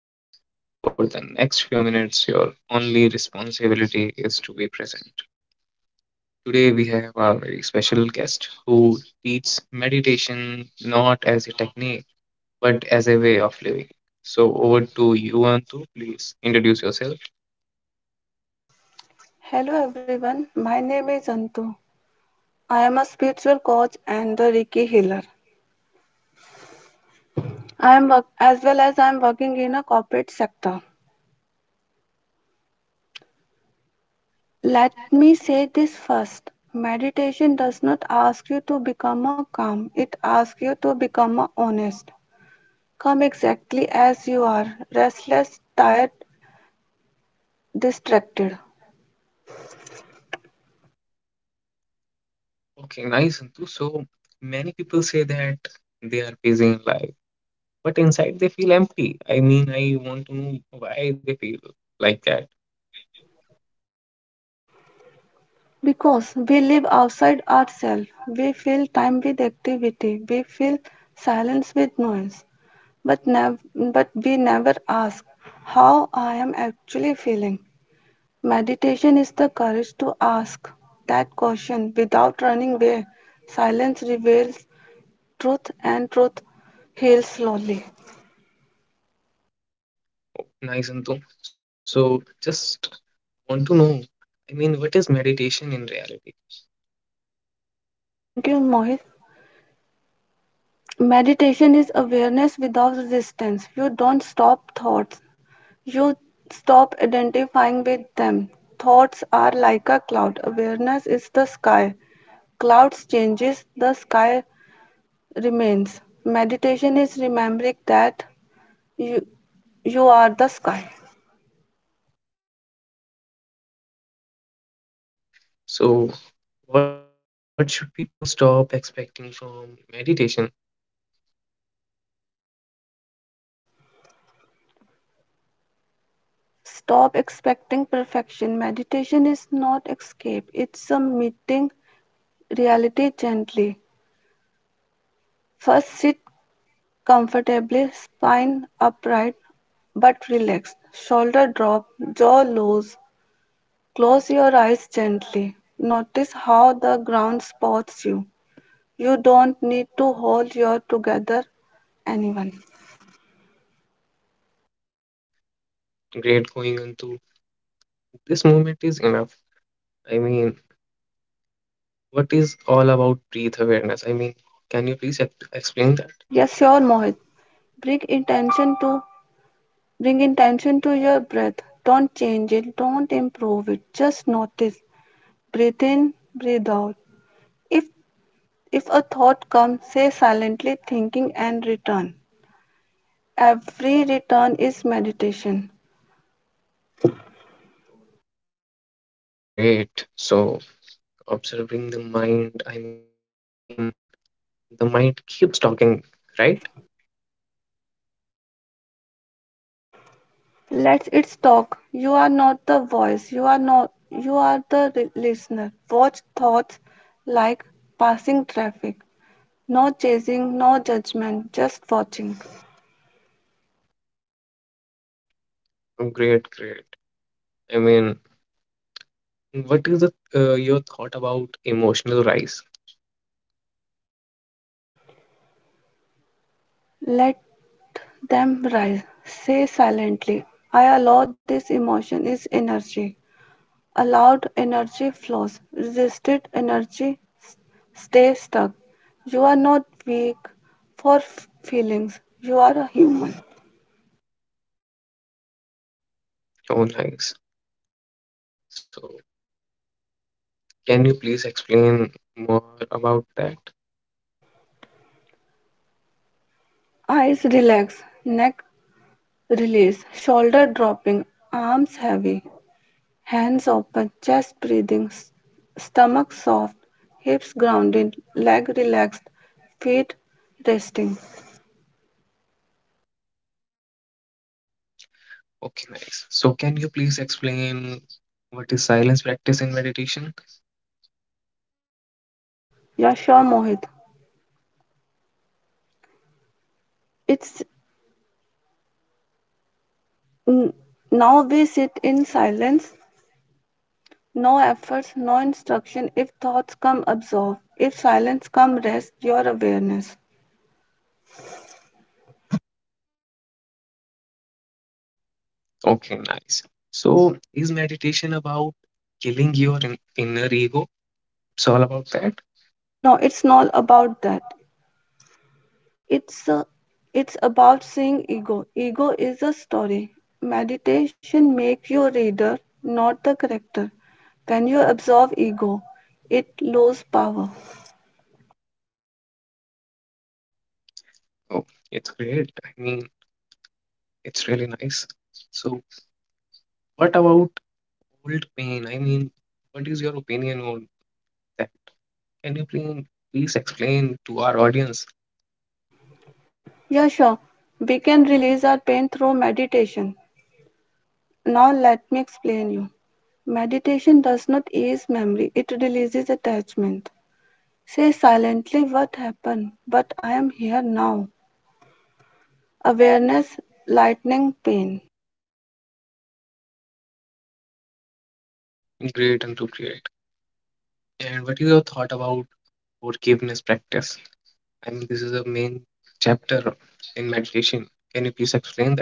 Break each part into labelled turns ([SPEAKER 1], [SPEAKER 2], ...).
[SPEAKER 1] and you don't need to fix yourself. For the next few minutes, your only responsibility is to be present. Today, we have our very special guest who teaches meditation not as a technique but as a way of living. So, over to you, Antu. Please introduce yourself.
[SPEAKER 2] Hello everyone, my name is Antu. I am a spiritual coach and a Reiki healer. I am as well as I am working in a corporate sector. Let me say this first. Meditation does not ask you to become a calm. It asks you to become a honest. Come exactly as you are, restless, tired, distracted.
[SPEAKER 1] Okay, nice, Antu. So many people say that they are busy in life, but inside they feel empty. I mean, I want to know why they feel like that.
[SPEAKER 2] Because we live outside ourselves, we fill time with activity, we fill silence with noise. but nev- but we never ask how I am actually feeling. Meditation is the courage to ask that question without running away. Silence reveals truth, and truth heals slowly.
[SPEAKER 1] Nice, Antu. So just want to know, I mean, what is meditation in reality?
[SPEAKER 2] Thank you, Mohit. Meditation is awareness without resistance. You don't stop thoughts. You stop identifying with them. Thoughts are like a cloud. Awareness is the sky. Clouds changes, the sky remains. Meditation is remembering that you, you, are the sky.
[SPEAKER 1] It's great. So what should people stop expecting from meditation?
[SPEAKER 2] Stop expecting perfection. Meditation is not escape, it's a meeting reality gently. First, sit comfortably, spine upright but relaxed, shoulder drop, jaw loose. Close your eyes gently. Notice how the ground spots you. You don't need to hold your together anyone.
[SPEAKER 1] Great going into this moment is enough. I mean, what is all about breath awareness? I mean, can you please explain that?
[SPEAKER 2] Yes, sure, Mohit. Bring intention to bring intention to your breath. Don't change it. Don't improve it. Just notice. Breathe in, breathe out. If if a thought comes, say silently thinking and return. Every return is meditation.
[SPEAKER 1] Oh, great. So, observing the mind, I mean, the mind keeps talking, right?
[SPEAKER 2] Yes. Let's it's talk. You are not the voice. You are not, you are the listener. Watch thoughts like passing traffic. No chasing, no judgment, just watching.
[SPEAKER 1] Oh, great, great. I mean, what is the, your thought about emotional rise,
[SPEAKER 2] Let them rise. Say silently, I allow this emotion is energy. Allowed energy flows. Resisted energy stays stuck. You are not weak for feelings. You are a human.
[SPEAKER 1] own rise? So, can you please explain more about that?
[SPEAKER 2] Eyes relax, neck release, shoulder dropping, arms heavy, hands open, chest breathing, stomach soft, hips grounded, leg relaxed, feet resting.
[SPEAKER 1] Okay, nice. So, can you please explain what is silence practice in meditation?
[SPEAKER 2] Pressure. Yeah, sure, Mohit. It's n- now we sit in silence, no efforts, no instruction. If thoughts come, absorb. If silence come, rest your awareness.
[SPEAKER 1] Okay, nice. So, is meditation about killing your inner ego? It's all about that?
[SPEAKER 2] No, it's not about that. It's uh, it's about seeing ego. Ego is a story. Meditation make you reader, not the character. When you absorb ego, it lose power.
[SPEAKER 1] Oh, it's great. I mean, it's really nice. So, what about old pain? I mean, what is your opinion on that? Can you please explain to our audience
[SPEAKER 2] Yeah, sure. We can release our pain through meditation. Now let me explain you. Meditation does not ease memory, it releases attachment. Say silently what happened, but I am here now. Awareness, lightening pain.
[SPEAKER 1] great and appropriate? And what is your thought about forgiveness practice? I mean, this is a main chapter in meditation. Can you please explain that?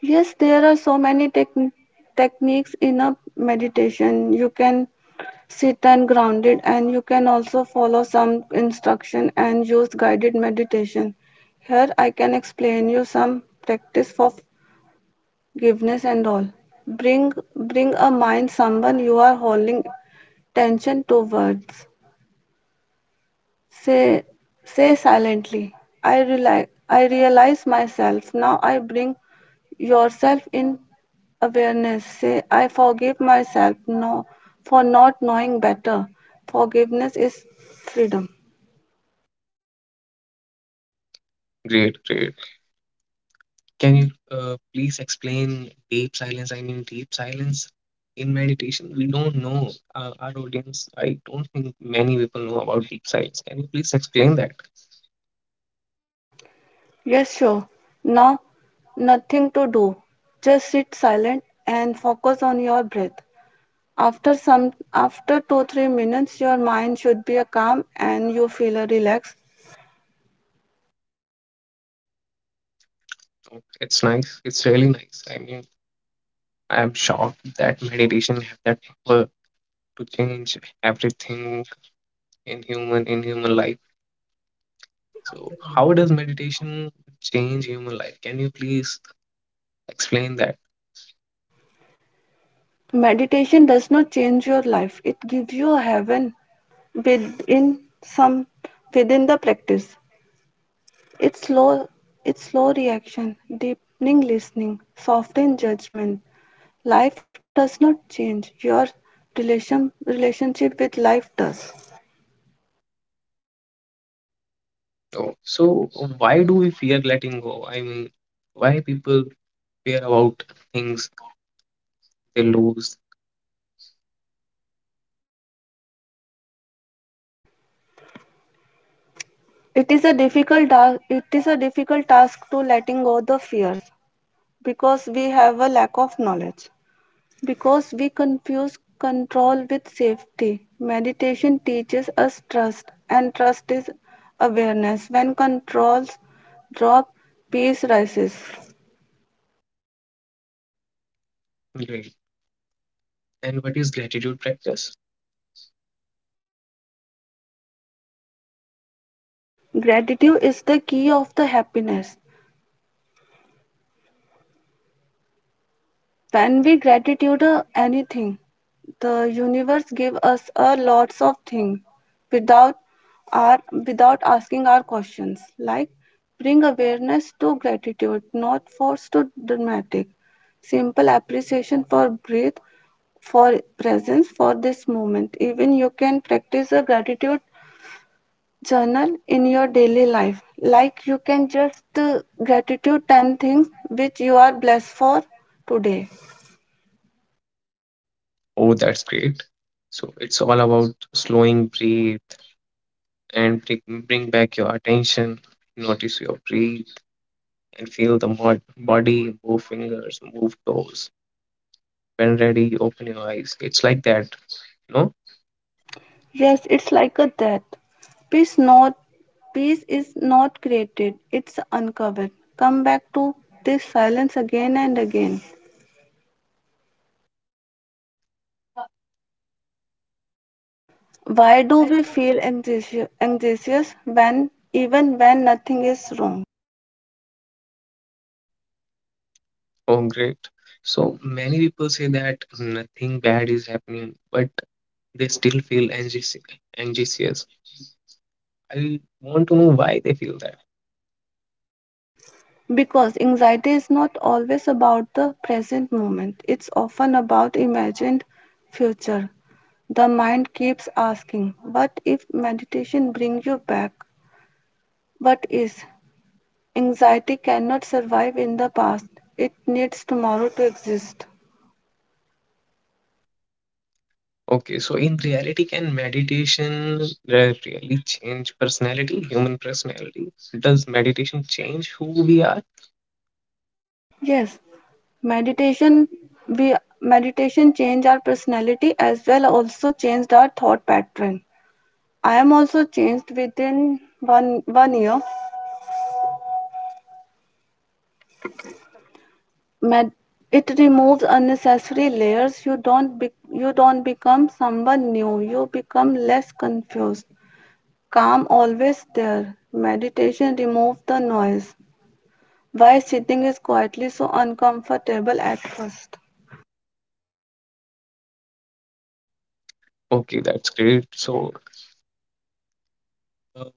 [SPEAKER 2] Yes, there are so many techniques in a meditation. You can sit and ground it, and you can also follow some instruction and use guided meditation. Here, I can explain you some practice for forgiveness and all. Bring a mind someone you are holding tension towards. Say, say silently, I realize myself. Now I bring yourself in awareness. Say, I forgive myself no, for not knowing better. Forgiveness is freedom.
[SPEAKER 1] Great, great. Can you please explain deep silence? I mean, deep silence in meditation. We don't know our audience. I don't think many people know about deep silence. Can you please explain that?
[SPEAKER 2] Yes, sure. Now, nothing to do. Just sit silent and focus on your breath. After 2-3 minutes, your mind should be calm and you feel relaxed.
[SPEAKER 1] Oh, it's nice. It's really nice. I mean, I'm shocked that meditation have that power to change everything in human life. So, how does meditation change human life? Can you please explain that?
[SPEAKER 2] Meditation does not change your life. It gives you a heaven within some within the practice. It's slow it's slow reaction, deepening listening, softening judgment. Life does not change. Your relationship with life does.
[SPEAKER 1] Oh, so why do we fear letting go? I mean, why people care about things they lose.
[SPEAKER 2] It is a difficult task to letting go the fears because we have a lack of knowledge. Because we confuse control with safety. Meditation teaches us trust, and trust is awareness. When controls drop, peace rises.
[SPEAKER 1] Great. And what is gratitude practice?
[SPEAKER 2] Gratitude is the key of the happiness. When we gratitude anything, the universe give us a lots of things without without asking our questions. Like bring awareness to gratitude, not force to dramatic. Simple appreciation for breath, for presence, for this moment. Even you can practice a gratitude journal in your daily life. Like you can just gratitude 10 things which you are blessed for today.
[SPEAKER 1] Oh, that's great. So it's all about slowing, breathe, and bring back your attention. Notice your breath and feel the body, move fingers, move toes. When ready, open your eyes. It's like that, you know?
[SPEAKER 2] Yes, it's like a death. Peace not peace is not created, it's uncovered. Come back to this silence again and again. Why do we feel anxious when even when nothing is wrong?
[SPEAKER 1] Oh, great. So many people say that nothing bad is happening, but they still feel anxious. anxious. I want to know why they feel that.
[SPEAKER 2] Because anxiety is not always about the present moment. It's often about imagined future. The mind keeps asking, what if meditation brings you back? What is? Anxiety cannot survive in the past. It needs tomorrow to exist.
[SPEAKER 1] Okay, so in reality, can meditation really change personality, human personality? Does meditation change who we are?
[SPEAKER 2] Yes, meditation we meditation changed our personality as well also changed our thought pattern. I am also changed within one year. Med- it removes unnecessary layers. You don't become someone new. You become less confused. Calm always there. Meditation removes the noise. Why sitting is quietly so uncomfortable at first.
[SPEAKER 1] Okay, that's great. So,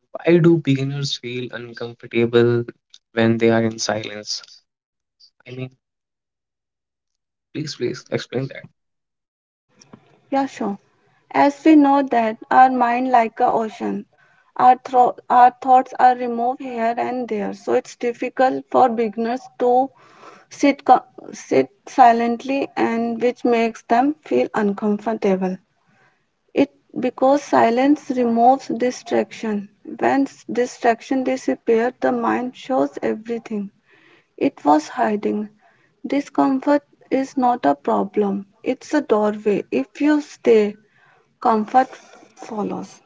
[SPEAKER 1] why do beginners feel uncomfortable when they are in silence? I mean, please explain that.
[SPEAKER 2] Yeah, sure. As we know that our mind like a ocean, our thoughts are removed here and there, so it's difficult for beginners to sit co- sit silently, and which makes them feel uncomfortable. It because silence removes distraction. When distraction disappears, the mind shows everything it was hiding. Discomfort is not a problem, it's a doorway. If you stay, comfort follows.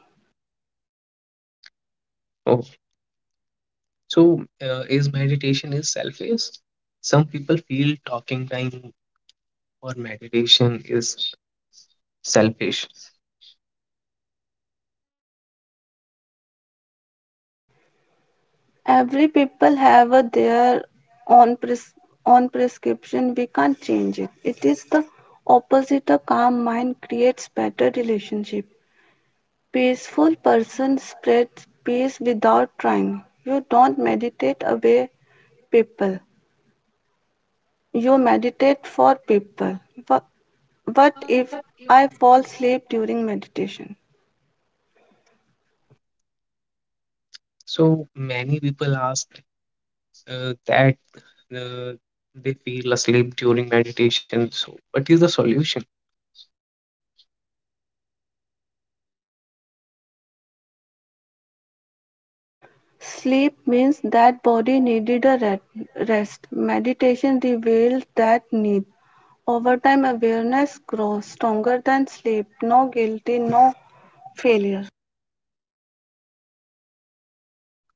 [SPEAKER 1] Oh, so is meditation is selfish? Some people feel talking time or meditation is selfish.
[SPEAKER 2] Every people have a their own pres- own prescription. We can't change it. It is the opposite. A calm mind creates better relationship. Peaceful person spreads peace without trying. You don't meditate away people. You meditate for people. Wha- What if I fall asleep during meditation?
[SPEAKER 1] So many people ask that uh, they feel asleep during meditation. So, what is the solution?
[SPEAKER 2] Sleep means that body needed a rest. Meditation reveals that need. Over time, awareness grows stronger than sleep. No guilty, no failure.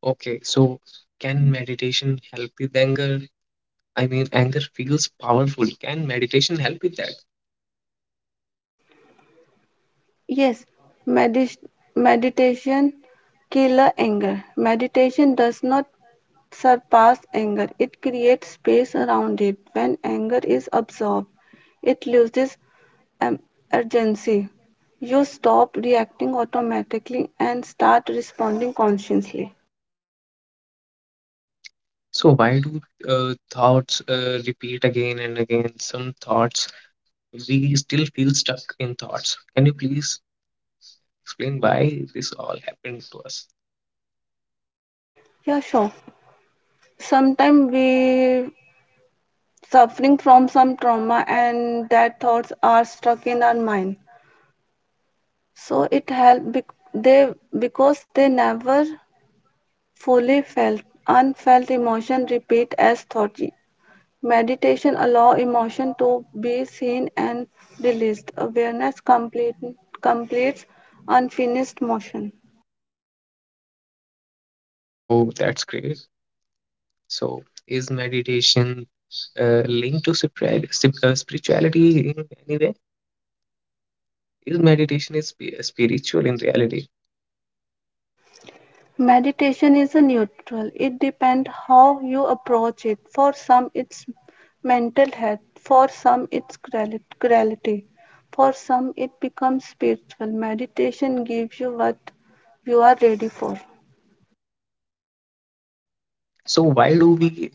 [SPEAKER 1] Okay, so can meditation help with anger? I mean, anger feels powerful. Can meditation help with that?
[SPEAKER 2] Yes, medis meditation killer anger. Meditation does not surpass anger, it creates space around it. When anger is absorbed, it loses um, urgency. You stop reacting automatically and start responding consciously.
[SPEAKER 1] So, why do thoughts repeat again and again? Some thoughts, we still feel stuck in thoughts. Can you please explain why this all happened to us?
[SPEAKER 2] Yeah, sure. Sometimes we suffering from some trauma and that thoughts are stuck in our mind. So it helped bec they Because they never fully felt. Unfelt emotion repeat as thought. Meditation allow emotion to be seen and released. Awareness completes unfinished motion.
[SPEAKER 1] Oh, that's great. So, is meditation linked to spirituality in any way? Is meditation is spiritual in reality?
[SPEAKER 2] Meditation is a neutral. It depends how you approach it. For some, it's mental health. For some, it's reality. For some, it becomes spiritual. Meditation gives you what you are ready for.
[SPEAKER 1] So, why do we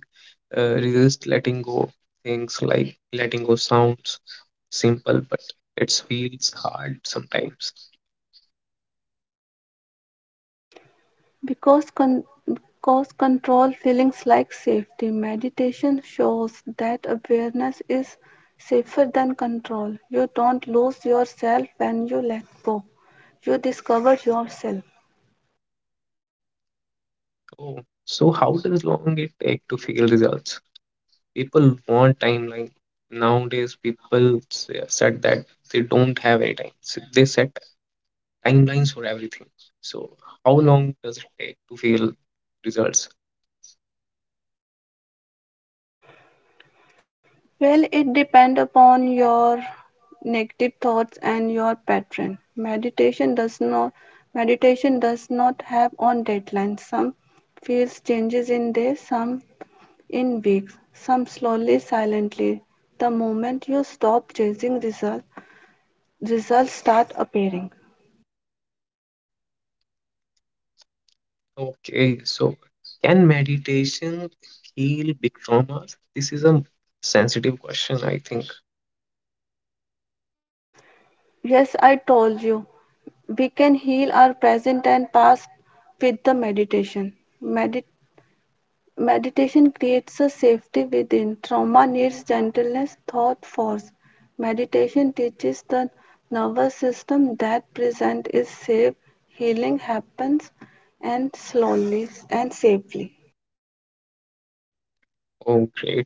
[SPEAKER 1] resist letting go things like letting go sounds simple, but it feels hard sometimes?
[SPEAKER 2] Because control feelings like safety, meditation shows that awareness is safer than control. You don't lose yourself when you let go. You discover yourself.
[SPEAKER 1] Oh, so how does long it take to feel results? People want timeline nowadays. People set that they don't have any time. So they set timelines for everything. So how long does it take to feel results?
[SPEAKER 2] Well, it depends upon your negative thoughts and your pattern. Meditation does not have on deadlines. Some feels changes in days, some in weeks, some slowly, silently. The moment you stop chasing results, results start appearing.
[SPEAKER 1] Okay, so can meditation heal big traumas? This is a sensitive question, I think.
[SPEAKER 2] Yes, I told you. We can heal our present and past with the meditation. Meditation Meditation creates a safety within. Trauma needs gentleness, thought force. Meditation teaches the nervous system that present is safe. Healing happens and slowly and safely.
[SPEAKER 1] Oh, great.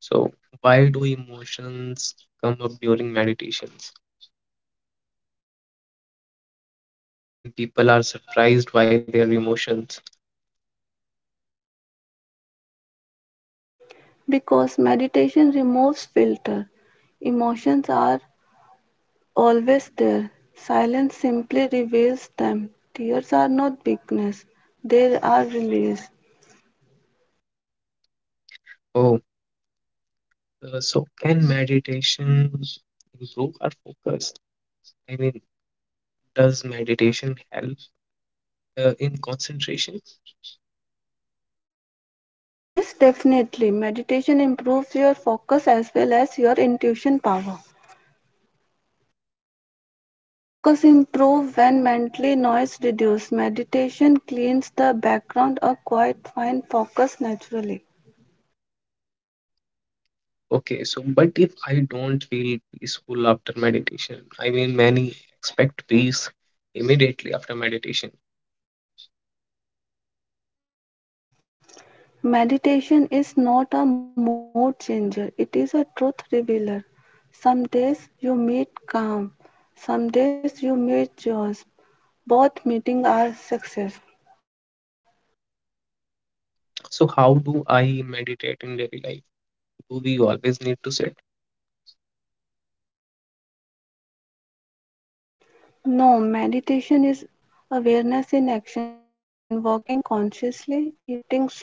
[SPEAKER 1] So why do emotions come up during meditations? I mean, people are surprised by their emotions.
[SPEAKER 2] Because meditation removes filter. Emotions are always there. Silence simply reveals them. Tears are not weakness. They are release.
[SPEAKER 1] Oh, so can meditation improve our focus? I mean, does meditation help in concentration?
[SPEAKER 2] Yes, definitely. Meditation improves your focus as well as your intuition power. Focus improves when mentally noise reduced. Meditation cleans the background or quite find focus naturally.
[SPEAKER 1] Okay, so but if I don't feel peaceful after meditation, I mean, many expect peace immediately after meditation.
[SPEAKER 2] Meditation is not a mood changer, it is a truth revealer. Some days you meet calm, some days you meet joy. Both meeting are success.
[SPEAKER 1] So, how do I meditate in daily life? Do we always need to sit?
[SPEAKER 2] No, meditation is awareness in action, walking consciously, eating slowly,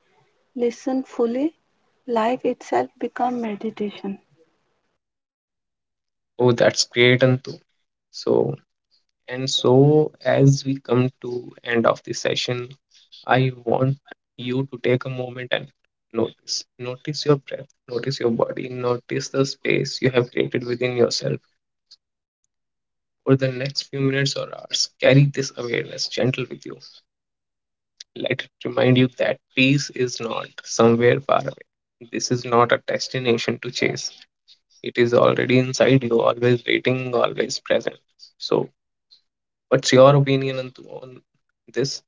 [SPEAKER 2] listen fully. Life itself become meditation.
[SPEAKER 1] Oh, that's great, Antu. So, and so as we come to end of the session, I want you to take a moment and notice. Notice your breath, notice your body, notice the space you have created within yourself for the next few minutes or hours. Carry this awareness gentle with you. Let it remind you that peace is not somewhere far away. This is not a destination to chase. It is already inside you, always waiting, always present. So, what's your opinion on this?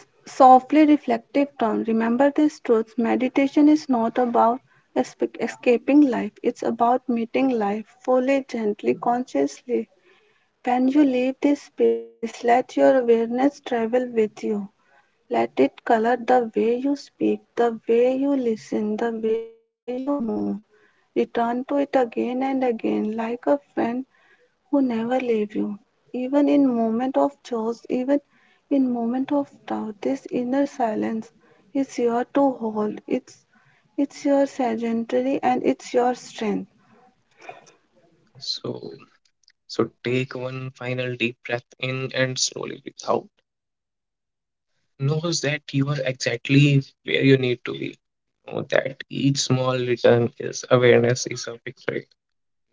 [SPEAKER 2] Softly reflective turn. Remember this truth. Meditation is not about escaping life. It's about meeting life fully, gently, consciously. When you leave this space, let your awareness travel with you. Let it color the way you speak, the way you listen, the way you move. Return to it again and again, like a friend who never leaves you. Even in moment of joy, even in moment of doubt, this inner silence is your to hold. It's your sanctuary and it's your strength.
[SPEAKER 1] So, so take one final deep breath in and slowly breathe out. Knows that you are exactly where you need to be, know that each small return is awareness is a victory.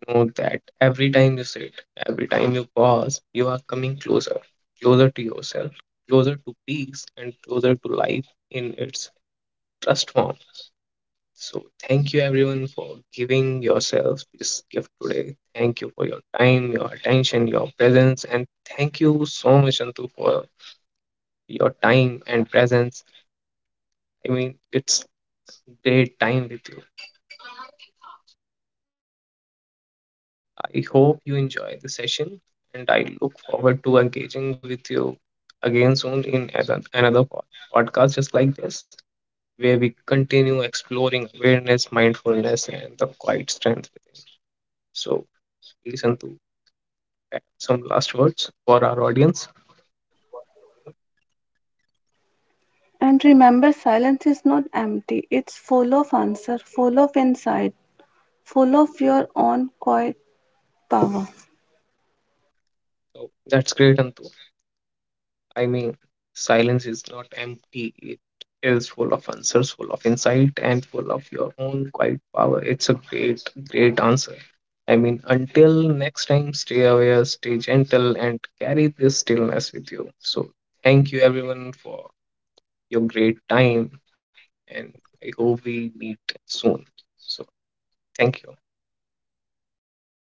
[SPEAKER 1] Know that every time you sit, every time you pause, you are coming closer, closer to yourself, closer to peace, and closer to life in its trust form. So, thank you everyone for giving yourself this gift today. Thank you for your time, your attention, your presence, and thank you so much, Antu, for your time and presence. I mean, it's great time with you. I hope you enjoy the session and I look forward to engaging with you again soon in another podcast just like this, where we continue exploring awareness, mindfulness, and the quiet strength within. So, please, Antu, have some last words for our audience.
[SPEAKER 2] And remember, silence is not empty. It's full of answer, full of insight, full of your own quiet power.
[SPEAKER 1] So, that's great, Antu. I mean, silence is not empty, it is full of answers, full of insight, and full of your own quiet power. It's a great, great answer. I mean, until next time, stay aware, stay gentle, and carry this stillness with you. So, thank you everyone for your great time, and I hope we meet soon. So, thank you.